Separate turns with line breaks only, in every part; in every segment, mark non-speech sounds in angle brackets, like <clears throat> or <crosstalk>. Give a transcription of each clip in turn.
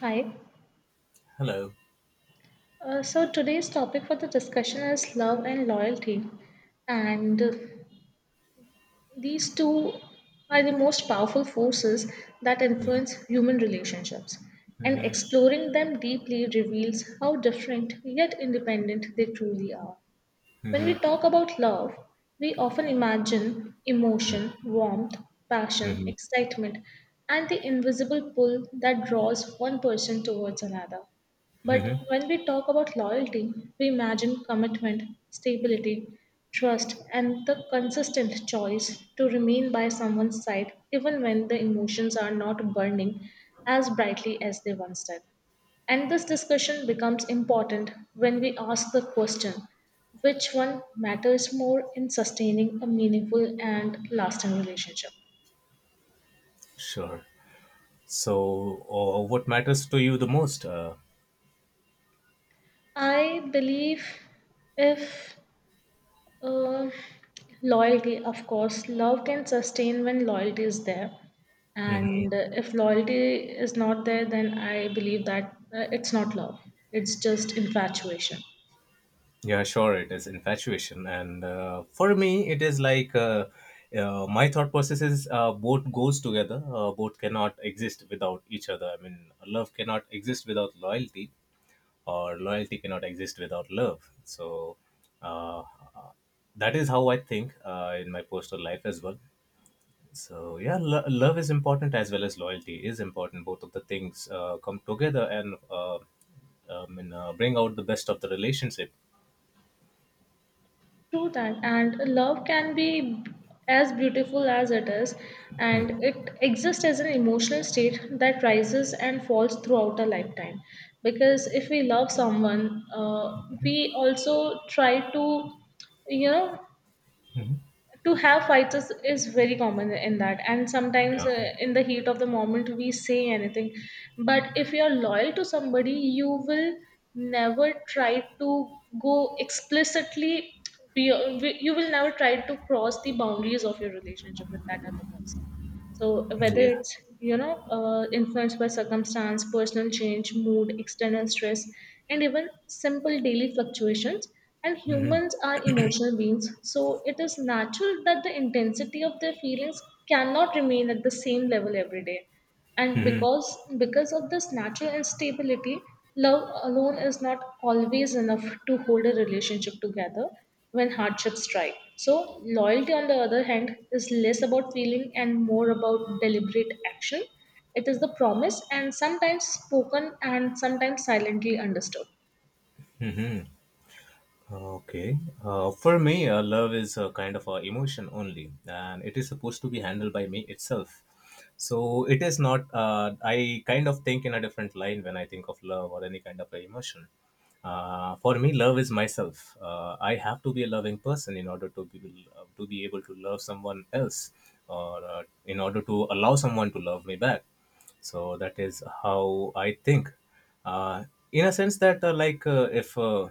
Hi.
Hello.
So today's topic for the discussion is love and loyalty. And these two are the most powerful forces that
Mhm,
influence human relationships. And
mhm,
exploring them deeply reveals how different yet independent they truly are. When we
mhm,
talk about love, we often imagine
mhm,
emotion, warmth, passion,
mhm,
excitement, and the invisible pull that draws one person towards another. But
mhm.
when we talk about loyalty, we imagine commitment, stability, trust, and the consistent choice to remain by someone's side even when the emotions are not burning as brightly as they once did. And this discussion becomes important when we ask the question, which one matters more in sustaining a meaningful and lasting relationship?
Sure. So, what matters to you the most?
I believe if uh, loyalty, of course, love can sustain when loyalty is there. And if loyalty is not there, then I believe that it's not love, it's just infatuation.
Yeah, sure, it is infatuation. And for me, it is like my thought process is both goes together. Both cannot exist without each other. I mean, love cannot exist without loyalty, or loyalty cannot exist without love. So, uh, that is how I think in my personal life as well. So yeah, love is important as well as loyalty is important. Both of the things come together and bring out the best of the relationship.
True that, and love can be as beautiful as it is, and it exists as an emotional state that rises and falls throughout a lifetime. Because if we love someone, we also try to, you know, to have fights is very common in that, and sometimes
Yeah.
in the heat of the moment we say anything. But if you're loyal to somebody, you will never try to go explicitly be, you will never try to cross the boundaries of your relationship with that other person. So whether
Yeah,
it's influenced by circumstance, personal change, mood, external stress, and even simple daily fluctuations. And humans are emotional beings, so it is natural that the intensity of their feelings cannot remain at the same level every day, and because of this natural instability, love alone is not always enough to hold a relationship together when hardships strike. So loyalty, on the other hand, is less about feeling and more about deliberate action. It is the promise, and sometimes spoken and sometimes silently understood.
okay. For me, love is a kind of a emotion only, and it is supposed to be handled by me itself. So it is not. I kind of think in a different line when I think of love or any kind of a emotion. For me, love is myself. I have to be a loving person in order to be able to love someone else, or in order to allow someone to love me back. So that is how I think. Uh, in a sense that, like, if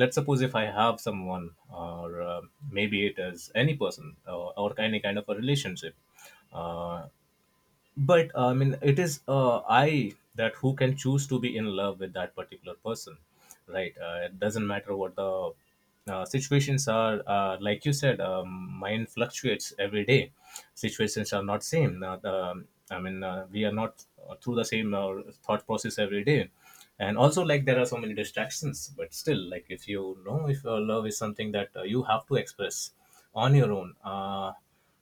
let's suppose if I have someone or maybe it is any person or any kind of a relationship, uh, but I mean it is I that who can choose to be in love with that particular person, right. It doesn't matter what the situations are. Like you said, mind fluctuates every day, situations are not same, I mean we are not through the same thought process every day, and also like there are so many distractions, but still, like, if you know, if your love is something that you have to express on your own,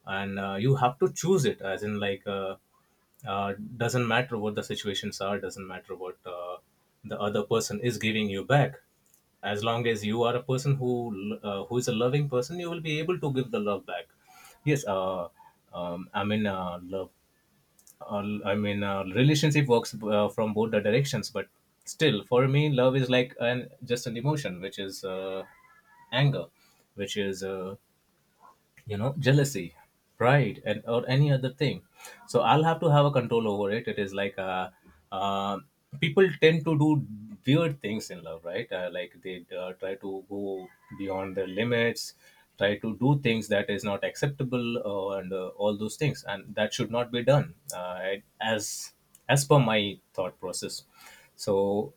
and you have to choose it as in like, doesn't matter what the situations are, doesn't matter what the other person is giving you back, as long as you are a person who is a loving person, you will be able to give the love back. Yes, I mean love, I mean relationship works from both the directions, but still for me love is like an just an emotion which is anger, which is, you know, jealousy, pride, and or any other thing. So I'll have to have a control over it. It is like uh people tend to do weird things in love, right? Like they try to go beyond their limits, try to do things that is not acceptable, and all those things, and that should not be done, as per my thought process. So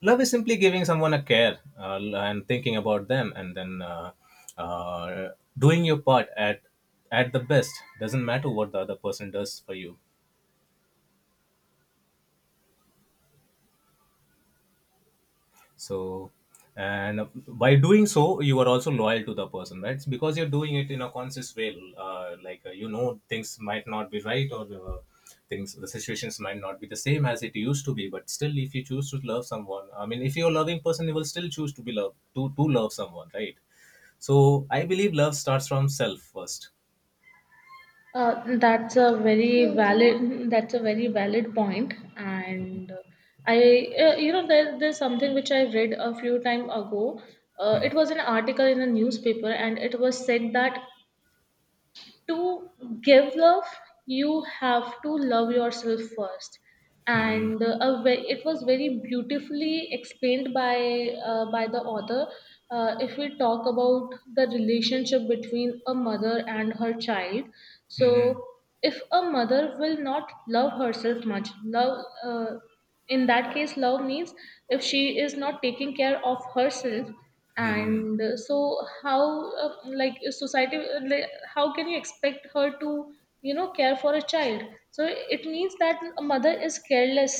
love is simply giving someone a care, and thinking about them, and then uh, doing your part at the best. Doesn't matter what the other person does for you. So, and by doing so you are also loyal to the person, right? It's because you're doing it in a conscious way. You know, things might not be right, or things, the situations might not be the same as it used to be, but still, if you choose to love someone, I mean, if you're a loving person, you will still choose to be loved to, love someone, right? So I believe love starts from self first.
That's a very valid point, and I you know, there's something which I read a few time ago. It was an article in a newspaper, and it was said that to give love you have to love yourself first. And it was very beautifully explained by the author. If we talk about the relationship between a mother and her child, so if a mother will not love herself much love, in that case love means if she is not taking care of herself, and so how like society how can you expect her to, you know, care for a child? So it means that a mother is careless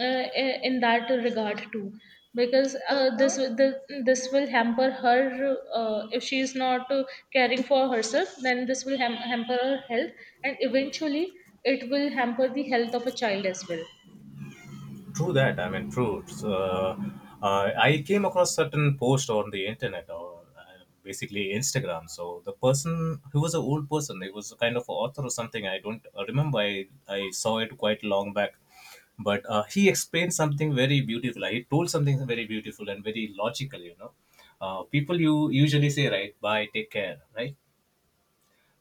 in that regard too, because this will hamper her if she is not caring for herself, then this will hamper her health, and eventually it will hamper the health of a child as well.
True that. I mean, true. I came across certain post on the internet or basically Instagram. So the person, he was an old person. He was a kind of author or something. I don't remember. I saw it quite long back. But he explained something very beautiful. He told something very beautiful and very logical, you know. People you usually say, right, bye, take care, right?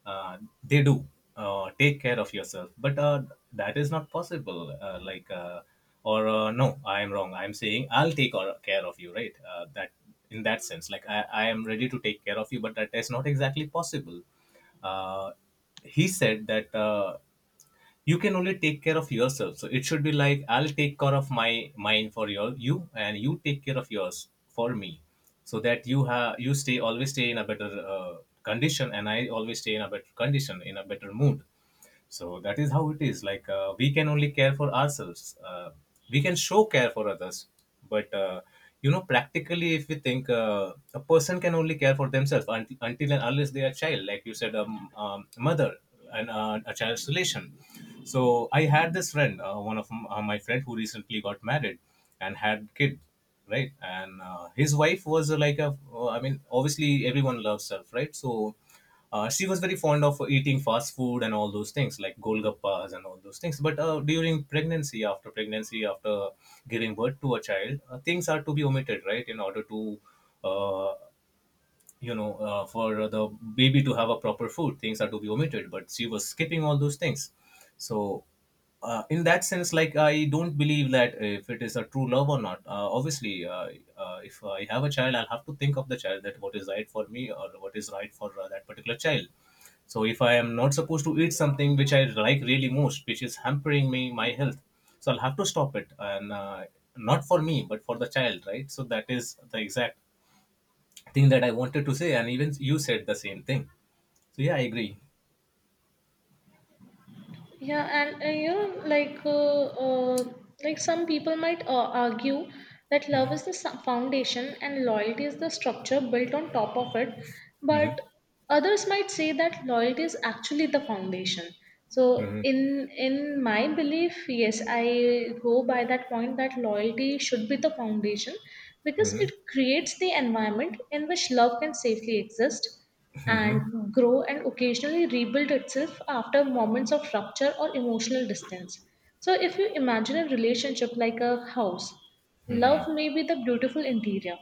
uh, they do take care of yourself, but that is not possible, like or no, I am wrong. I'm saying I'll care of you, right? That, in that sense, like, I am ready to take care of you, but that is not exactly possible. uh, he said that you can only take care of yourself. So it should be like, I'll take care of my mind for you, and you take care of yours for me, so that you stay, always stay in a better uh, condition, and I always stay in a better condition, in a better mood. So that is how it is. Like, we can only care for ourselves. We can show care for others, but you know, practically, if we think, a person can only care for themselves until and unless they are a child, like you said, mother and a child's relation. So I had this friend, my friend who recently got married and had kid, right? And his wife was I mean, obviously everyone loves her, right? So she was very fond of eating fast food and all those things like golgappas and all those things. But during pregnancy, after pregnancy, after giving birth to a child, things are to be omitted, right? In order to uh, you know, for the baby to have a proper food, things are to be omitted, but she was skipping all those things. So in that sense, like, I don't believe that if it is a true love or not. Obviously If I have a child, I'll have to think of the child, that what is right for me or what is right for that particular child. So if I am not supposed to eat something which I like really most, which is hampering me my health, so I'll have to stop it, and not for me, but for the child, right? So that is the exact thing that I wanted to say, and even you said the same thing. So yeah, I agree.
Yeah, and you know, like like some people might argue that love
Hmm.
is the foundation and loyalty is the structure built on top of it, but
Hmm.
others might say that loyalty is actually the foundation. So in my belief, yes, I go by that point that loyalty should be the foundation, because
Hmm.
it creates the environment in which love can safely exist and grow and occasionally rebuild itself after moments of rupture or emotional distance. So, if you imagine a relationship like a house, love may be the beautiful interior,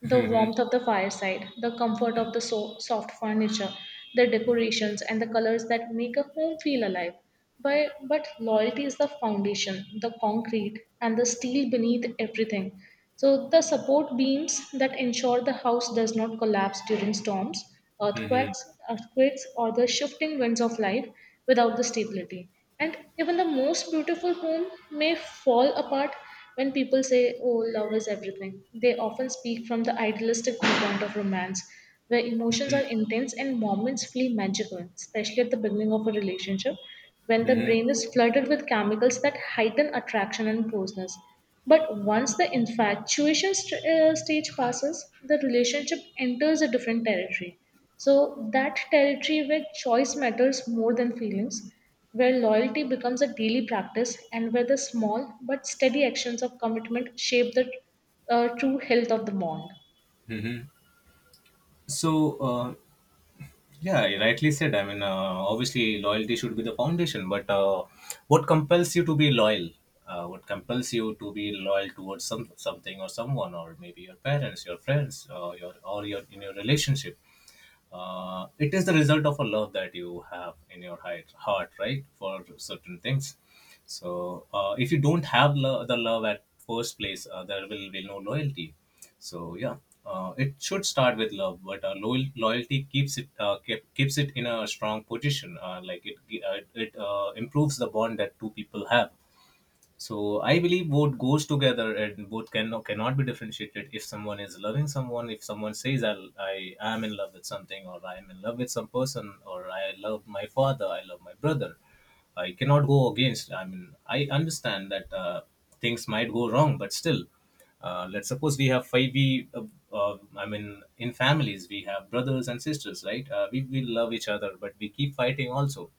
the warmth of the fireside, the comfort of the soft furniture, the decorations, and the colors that make a home feel alive. But loyalty is the foundation, the concrete, and the steel beneath everything. So, the support beams that ensure the house does not collapse during storms, earthquakes, earthquakes, or the shifting winds of life without the stability. And even the most beautiful home may fall apart when people say, oh, love is everything. They often speak from the idealistic viewpoint of romance, where emotions are intense and moments feel magical, especially at the beginning of a relationship, when the brain is flooded with chemicals that heighten attraction and closeness. But once the infatuation stage passes, the relationship enters a different territory. So, that territory where choice matters more than feelings, where loyalty becomes a daily practice, and where the small but steady actions of commitment shape the true health of the bond.
So yeah, you rightly said. I mean, obviously, loyalty should be the foundation, but what compels you to be loyal? What compels you to be loyal towards some something or someone, or maybe your parents, your friends, your or your in your relationship? It is the result of a love that you have in your heart, right, for certain things. So if you don't have the love at first place, there will be no loyalty. So yeah, it should start with love, but loyalty keeps it, keeps it in a strong position. Like it it, it improves the bond that two people have. So I believe both goes together and both can cannot be differentiated. If someone is loving someone, if someone says I am in love with something or I am in love with some person, or I love my father, I love my brother, I cannot go against. I mean, I understand that things might go wrong, but still, let's suppose we have five. We I mean, in families we have brothers and sisters, right? We love each other, but we keep fighting also.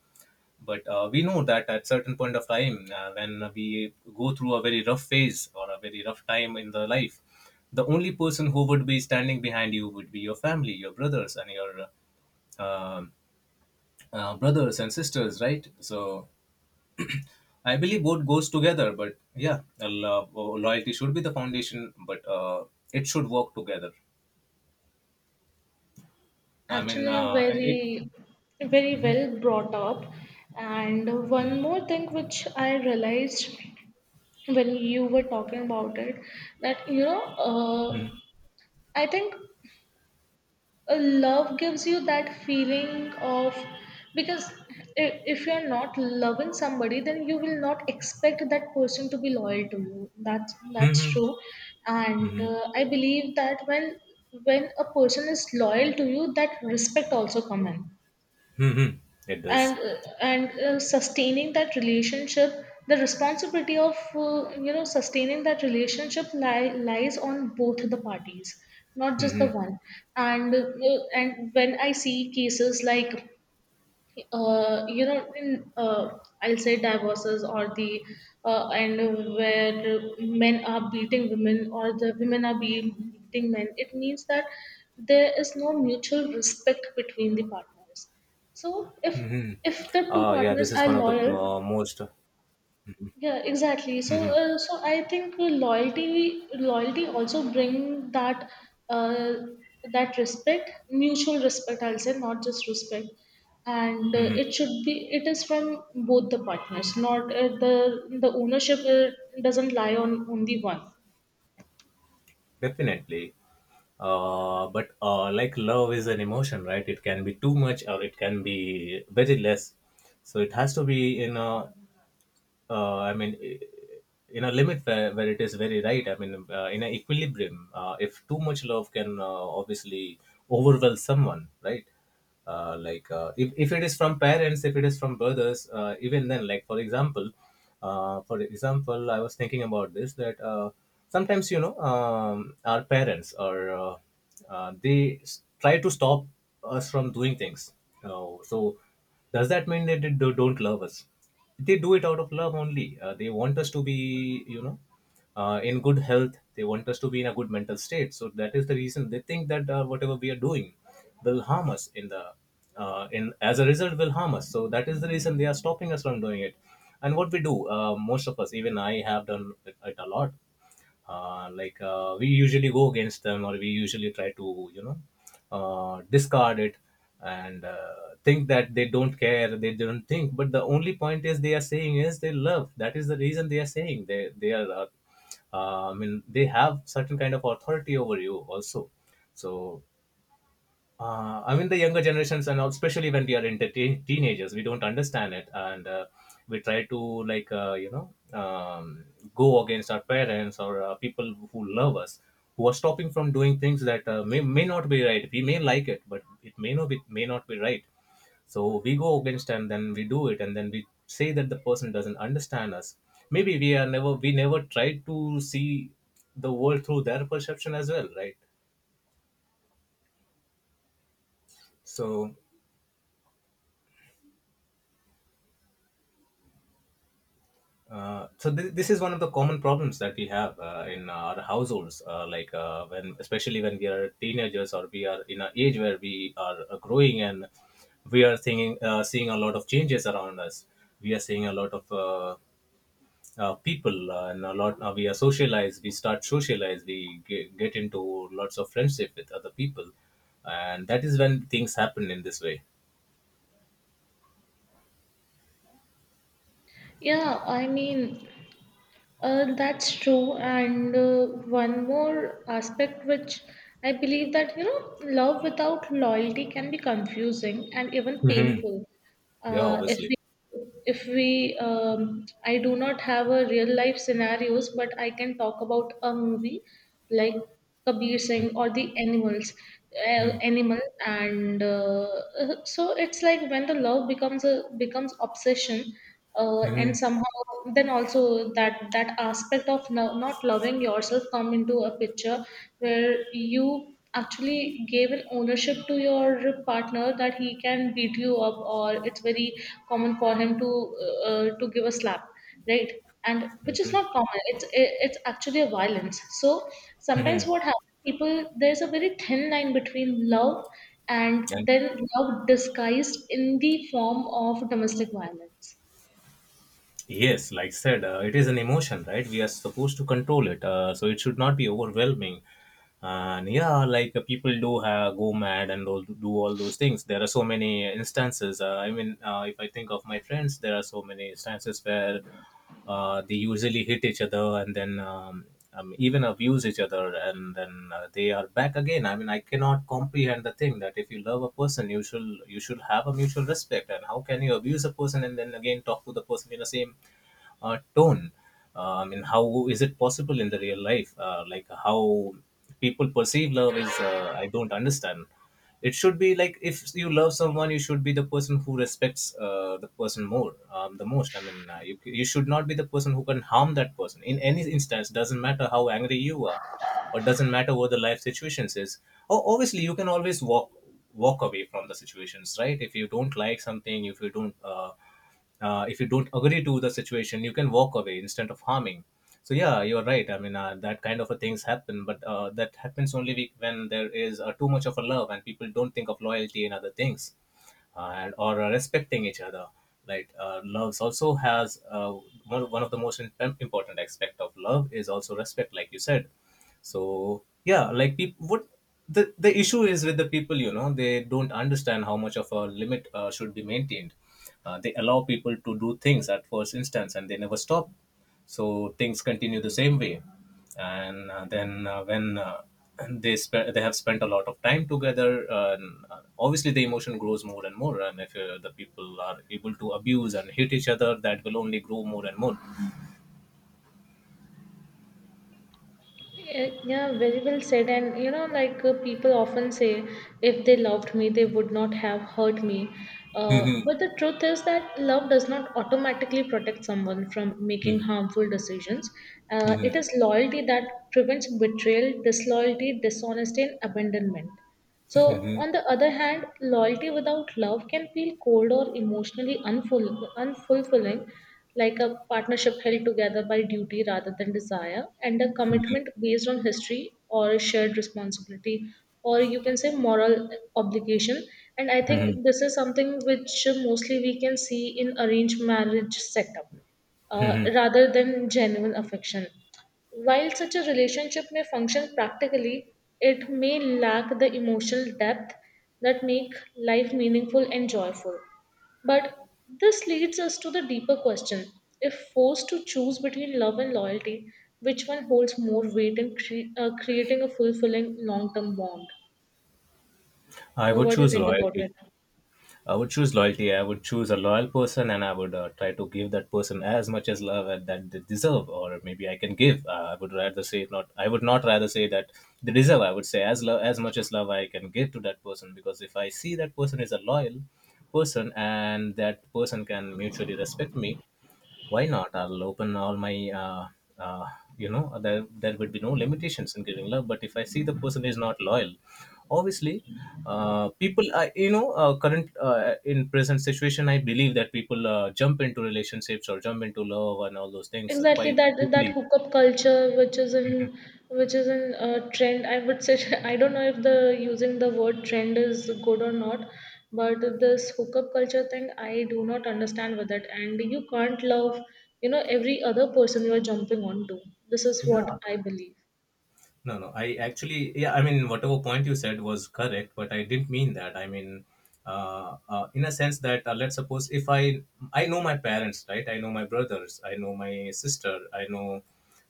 But we know that at certain point of time, when we go through a very rough phase or a very rough time in the life, the only person who would be standing behind you would be your family, your uh, brothers and sisters, right? So I believe both goes together, but yeah, loyalty should be the foundation, but it should work together. i mean
Actually,
uh, it,
very well brought up. And one more thing which I realized when you were talking about it, that, you know,
Mm-hmm.
I think a love gives you that feeling of, because if you're not loving somebody, then you will not expect that person to be loyal to you. That's
Mm-hmm.
true. And
Mm-hmm.
I believe that when a person is loyal to you, that respect also comes in.
Mm-hmm. It does.
And uh, and uh, sustaining that relationship, the responsibility of you know, sustaining that relationship lies on both the parties, not just the one. And uh, and when I see cases like, you know, in I'll say divorces, or the and where men are beating women or the women are being beating men, it means that there is no mutual respect between the partners. So if the two
Yeah,
partners
this is
are
one of the
loyal,
most.
yeah, exactly. So,
Mhm.
so I think loyalty also bring that uh, that respect, mutual respect. I'll say not just respect, and it should be it is from both the partners. Not the ownership doesn't lie on only one.
Definitely. But like, love is an emotion, right? It can be too much or it can be very less. So it has to be in a I mean, in a limit where it is very right. I mean, in an equilibrium, if too much love can obviously overwhelm someone, right? Like if it is from parents, if it is from brothers, even then, like, for example, I was thinking about this that sometimes, you know, our parents or they try to stop us from doing things. So does that mean that they don't love us? They do it out of love only. They want us to be you know in good health. They want us to be in a good mental state, so that is the reason they think that whatever we are doing will harm us in the in as a result will harm us, so that is the reason they are stopping us from doing it. And what we do, most of us, even I have done it a lot. We usually go against them, or we usually try to discard it. And Think that they don't care, they don't think, but the only point is they are saying is they love. That is the reason they are saying, they are I mean, they have certain kind of authority over you also. So I mean, the younger generations, and especially when we are in the teenagers, we don't understand it, and we try to like uh, you know um, go against our parents, or people who love us, who are stopping from doing things that may not be right. We may like it, but it may not be right. So we go against, and then we do it, and then we say that the person doesn't understand us. Maybe we never tried to see the world through their perception as well, right? So this is one of the common problems that we have in our households, like when especially when we are teenagers or we are in an age where we are growing, and we are seeing a lot of changes around us. We are seeing a lot of people, and a lot we are socialized we start socialize, we get into lots of friendship with other people, and that is when things happen in this way.
Yeah, I mean, that's true. And one more aspect which I believe that, you know, love without loyalty can be confusing and even
Hmm.
painful.
Yeah,
Uh, if
obviously.
we, if we, I do not have a real life scenarios, but I can talk about a movie like Kabir Singh or the animals,
Hmm.
animal, and so it's like when the love becomes a becomes obsession
Hmm.
and somehow, then also that that aspect of no, not loving yourself come into a picture, where you actually gave an ownership to your partner that he can beat you up, or it's very common for him to give a slap, right? And which is not common, it's actually a violence. So sometimes
Hmm.
what happens, people, there's a very thin line between love and
And
then love disguised in the form of domestic violence.
yes, like said, it is an emotion, right? We are supposed to control it, so it should not be overwhelming. And yeah, like people do have go mad and all, do all those things. There are so many instances. I mean, if I think of my friends, there are so many instances where they usually hit each other, and then even abuse each other, and then they are back again. I mean, I cannot comprehend the thing that if you love a person, you should have a mutual respect. And how can you abuse a person and then again talk to the person in the same tone. I mean, how is it possible in the real life? Like how people perceive love is, I don't understand. It should be like if you love someone, you should be the person who respects the person more, the most. I mean, you should not be the person who can harm that person in any instance. Doesn't matter how angry you are, or doesn't matter what the life situations is. Oh, obviously, you can always walk away from the situations, right? If you don't like something, if you don't agree to the situation, you can walk away instead of harming. So yeah, you're right. I mean, that kind of a things happen, but that happens only when there is too much of a love and people don't think of loyalty and other things, and or respecting each other. Like loves also has one of the most important aspect of love is also respect, like you said. So yeah, like people what the issue is with the people, you know, they don't understand how much of a limit should be maintained. They allow people to do things at first instance, and they never stop. So things continue the same way. And then when <clears throat> They they have spent a lot of time together, and obviously the emotion grows more and more. And if the people are able to abuse and hit each other, that will only grow more and more.
Yeah, yeah, very well said. And you know, people often say, if they loved me, they would not have hurt me. But the truth is that love does not automatically protect someone from making harmful decisions. It
Mhm.
is loyalty that prevents betrayal, disloyalty, dishonesty, and abandonment. So, on the other hand, loyalty without love can feel cold or emotionally unfulfilling, like a partnership held together by duty rather than desire, and a commitment based on history or shared responsibility, or you can say moral obligation. And I
Mhm.
think this is something which mostly we can see in arranged marriage setup, rather than genuine affection. While such a relationship may function practically, it may lack the emotional depth that make life meaningful and joyful. But this leads us to the deeper question. If forced to choose between love and loyalty, which one holds more weight in creating a fulfilling long-term bond?
I
So
would
what do you
choose
think about
loyalty.
it?
I would choose loyalty. I would choose a loyal person, and I would try to give that person as much as love and that they deserve, or maybe I can give. I would rather say not. I would not rather say that they deserve. I would say as much as love I can give to that person, because if I see that person is a loyal person and that person can mutually respect me, why not? I'll open all my uh, uh, you know, there would be no limitations in giving love. But if I see the person is not loyal, obviously people I you know, current in present situation, I believe that people jump into relationships or jump into love and all those things
Exactly,
quite
that that
quickly.
hookup culture, which is in which is in trend, I would say. <laughs> I don't know if the using the word trend is good or not, but this hookup culture thing, I do not understand with it. And you can't love, you know, every other person you are jumping onto. This is
Yeah.
what I believe.
No, no. I actually, yeah, I mean, whatever point you said was correct, but I didn't mean that. I mean, in a sense that let's suppose if I know my parents, right? I know my brothers, I know my sister, I know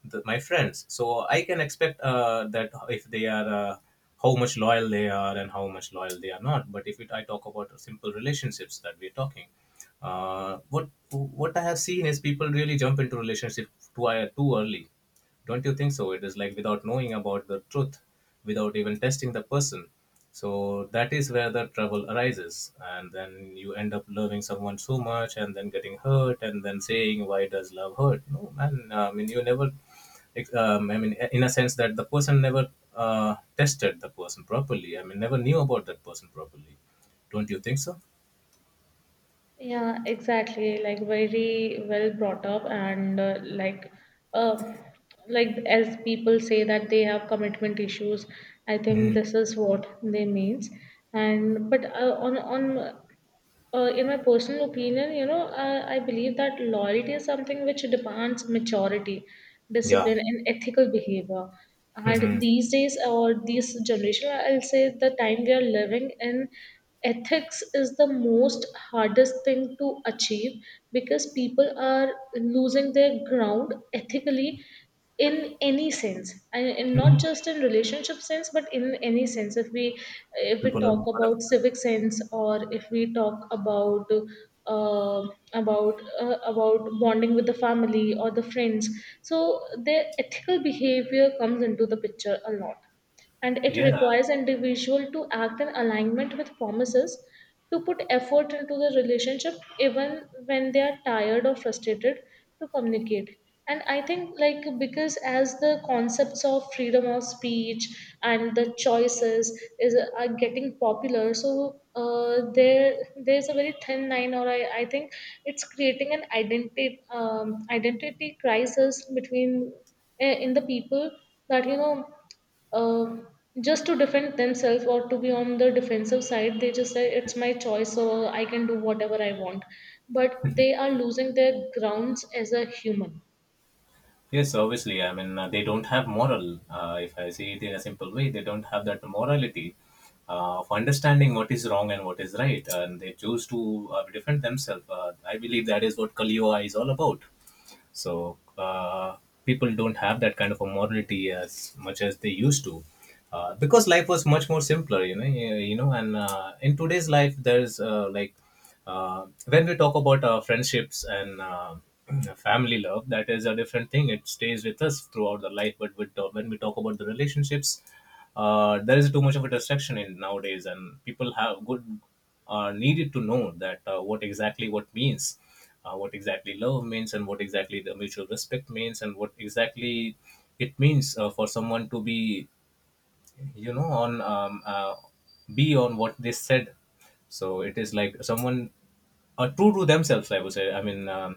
my friends, so I can expect that if they are how much loyal they are and how much loyal they are not. But if it, I talk about simple relationships that we're talking, what I have seen is people really jump into relationship too early. Don't you think so? It is like without knowing about the truth, without even testing the person. So that is where the trouble arises. And then you end up loving someone so much and then getting hurt and then saying, why does love hurt? No, man. I mean, you never, I mean, in a sense that the person never tested the person properly. I mean, never knew about that person properly. Don't you think so?
Yeah, exactly. Like very well brought up, and uh, like as people say that they have commitment issues, I think
Mm,
this is what they means. And but on in my personal opinion, you know, I believe that loyalty is something which demands maturity,
yeah.
discipline, and ethical behavior.
<laughs>
And
Mhm.
these days, or this generation, I'll say the time we are living in, ethics is the most hardest thing to achieve because people are losing their ground ethically in any sense and not just in relationship sense but in any sense if we
People
talk
are.
about civic sense or if we talk about uh, about bonding with the family or the friends so their ethical behavior comes into the picture a lot and it
Yeah.
requires individual to act in alignment with promises to put effort into the relationship even when they are tired or frustrated to communicate. And I think, like, because as the concepts of freedom of speech and the choices is are getting popular, so uh, there there's a very thin line, or I think it's creating an identity identity crisis between in the people, that, you know, um just to defend themselves or to be on the defensive side they just say it's my choice, so I can do whatever I want, but they are losing their grounds as a human.
Yes, obviously. I mean, they don't have moral. If I see it in a simple way, they don't have that morality of understanding what is wrong and what is right, and they choose to defend themselves. I believe that is what Kali Yuga is all about. So people don't have that kind of a morality as much as they used to, because life was much more simpler, you know. You know, and in today's life, there's when we talk about friendships and <clears throat> family love, that is a different thing. It stays with us throughout the life. But with, when we talk about the relationships, there is too much of a distraction in nowadays, and people have good are needed to know that what means, what exactly love means, and what exactly the mutual respect means, and what exactly it means for someone to be you know on be on what they said. So it is like someone are true to themselves, I would say. I mean,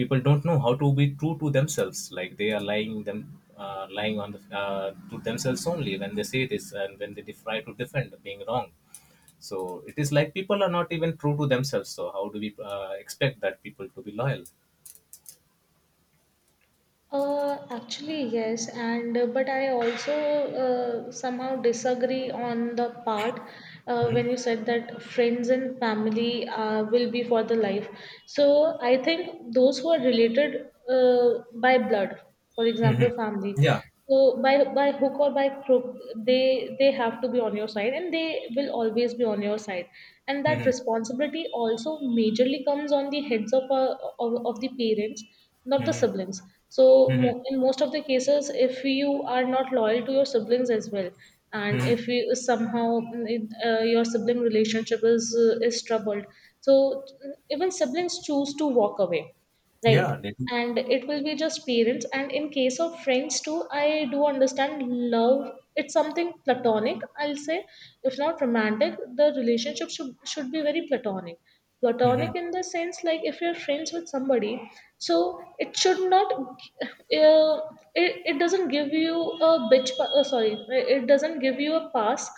people don't know how to be true to themselves, like they are lying them lying on the, to themselves only, when they say this, and when they try to defend being wrong. So it is like people are not even true to themselves, so how do we expect that people to be loyal?
Actually, yes, and but I also somehow disagree on the part when you said that friends and family will be for the life. So I think those who are related, by blood, for example, family.
Yeah.
So by hook or by crook, they have to be on your side, and they will always be on your side. And that responsibility also majorly comes on the heads of of the parents, not the siblings. So
Mhm.
in most of the cases, if you are not loyal to your siblings as well, and
Mhm.
if you somehow your sibling relationship is troubled, so even siblings choose to walk away, right?
Yeah, they do.
And it will be just parents. And in case of friends too, I do understand love. It's something platonic, I'll say. If not romantic, the relationship should be very platonic. Platonic
Mhm.
in the sense, like, if you're friends with somebody, so it should not it, it doesn't give you a bitch pa- sorry it doesn't give you a pass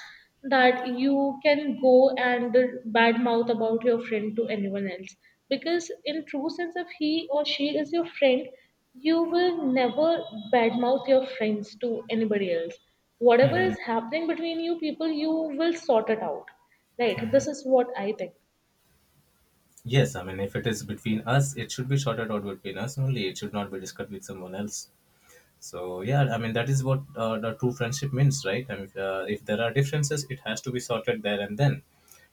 that you can go and badmouth about your friend to anyone else. Because in true sense if he or she is your friend, you will never badmouth your friends to anybody else. Whatever is happening between you people, you will sort it out, right? This is what I think.
Yes. I mean, if it is between us, it should be sorted out between us only. It should not be discussed with someone else. So yeah, I mean, that is what the true friendship means, right? I mean, if there are differences, it has to be sorted there and then.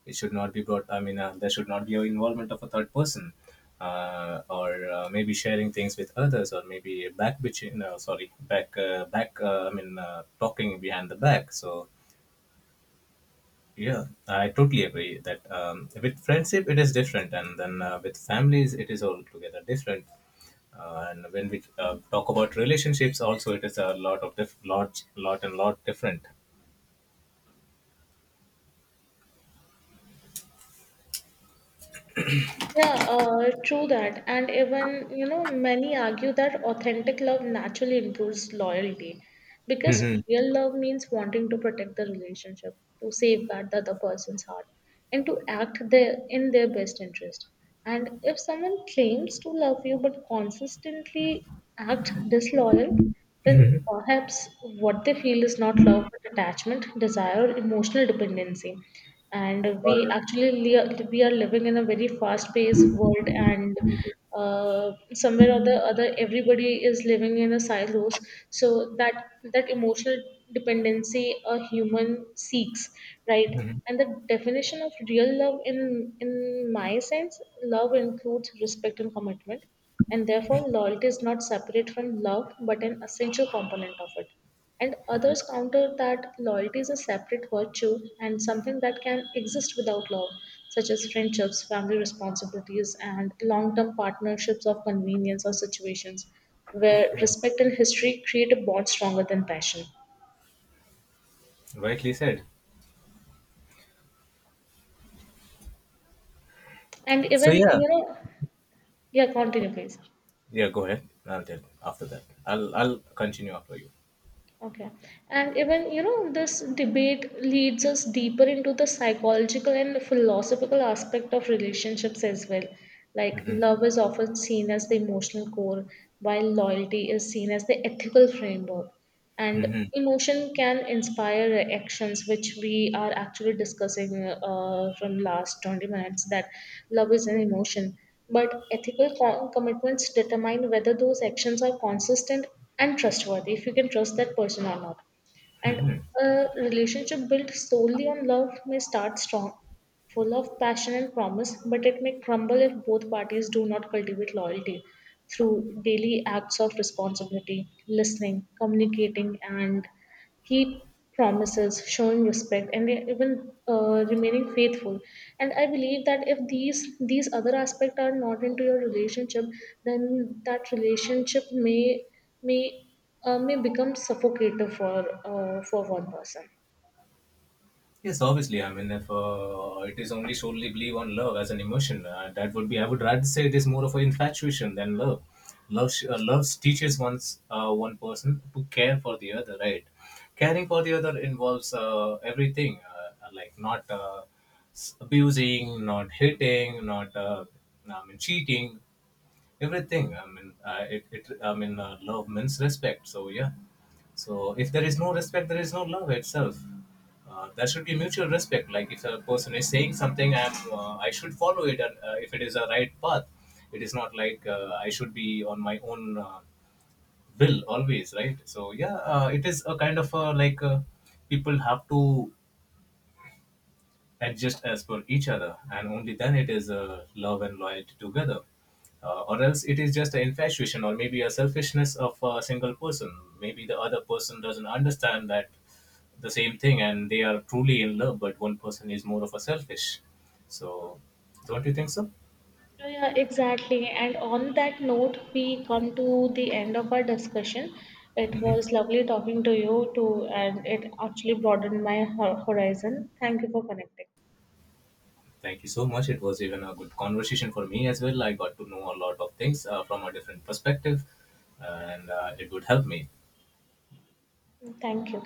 It should not be brought. I mean, there should not be an involvement of a third person, or maybe sharing things with others, or maybe back bitching. No, sorry, back back. I mean, talking behind the back. So yeah, I totally agree that with friendship it is different, and then with families it is altogether different. And when we talk about relationships, also it is a lot of lot and lot different.
Yeah, true that. And even, you know, many argue that authentic love naturally improves loyalty because
Mhm.
real love means wanting to protect the relationship, to safeguard the other person's heart, and to act their, in their best interest. And if someone claims to love you but consistently act disloyal, then perhaps what they feel is not love but attachment, desire, or emotional dependency. And we
Or,
actually we are living in a very fast-paced world, and somewhere or the other, everybody is living in a silos. So that that emotional dependency a human seeks, right? And the definition of real love, in my sense, love includes respect and commitment, and therefore loyalty is not separate from love but an essential component of it. And others counter that loyalty is a separate virtue and something that can exist without love, such as friendships, family responsibilities, and long term partnerships of convenience or situations where respect and history create a bond stronger than passion.
rightly said.
And
So
even,
yeah.
you know, yeah, continue, please.
Yeah, go ahead. I'll tell after that. I'll continue after you.
Okay. And even, you know, this debate leads us deeper into the psychological and philosophical aspect of relationships as well. Like,
Mhm.
love is often seen as the emotional core, while loyalty is seen as the ethical framework, and
Mhm.
emotion can inspire actions, which we are actually discussing from last 20 minutes. That love is an emotion but ethical commitments determine whether those actions are consistent and trustworthy, if you can trust that person or not. And a relationship built solely on love may start strong, full of passion and promise, but it may crumble if both parties do not cultivate loyalty through daily acts of responsibility, listening, communicating, and keep promises, showing respect, and even remaining faithful. And I believe that if these other aspects are not into your relationship, then that relationship may may may become suffocating for one person.
Yes, obviously. I mean, if it is only solely believe on love as an emotion, that would be. I would rather say it is more of an infatuation than love. Love, love teaches one's one person to care for the other, right? Caring for the other involves everything, like not s- abusing, not hitting, not I mean cheating, everything. I mean love means respect, so yeah. So if there is no respect, there is no love itself. There should be mutual respect, like if a person is saying something, I should follow it, and if it is a right path. It is not like I should be on my own will always right. So yeah, it is a kind of people have to adjust as per each other, and only then it is love and loyalty together. Or else it is just an infatuation, or maybe a selfishness of a single person. Maybe the other person doesn't understand that the same thing, and they are truly in love, but one person is more of a selfish. So don't you think so?
Yeah, exactly. And on that note, we come to the end of our discussion. It was
Hmm.
lovely talking to you too, and it actually broadened my horizon. Thank you for connecting.
Thank you so much. It was even a good conversation for me as well. I got to know a lot of things from a different perspective, and it would help me.
Thank you.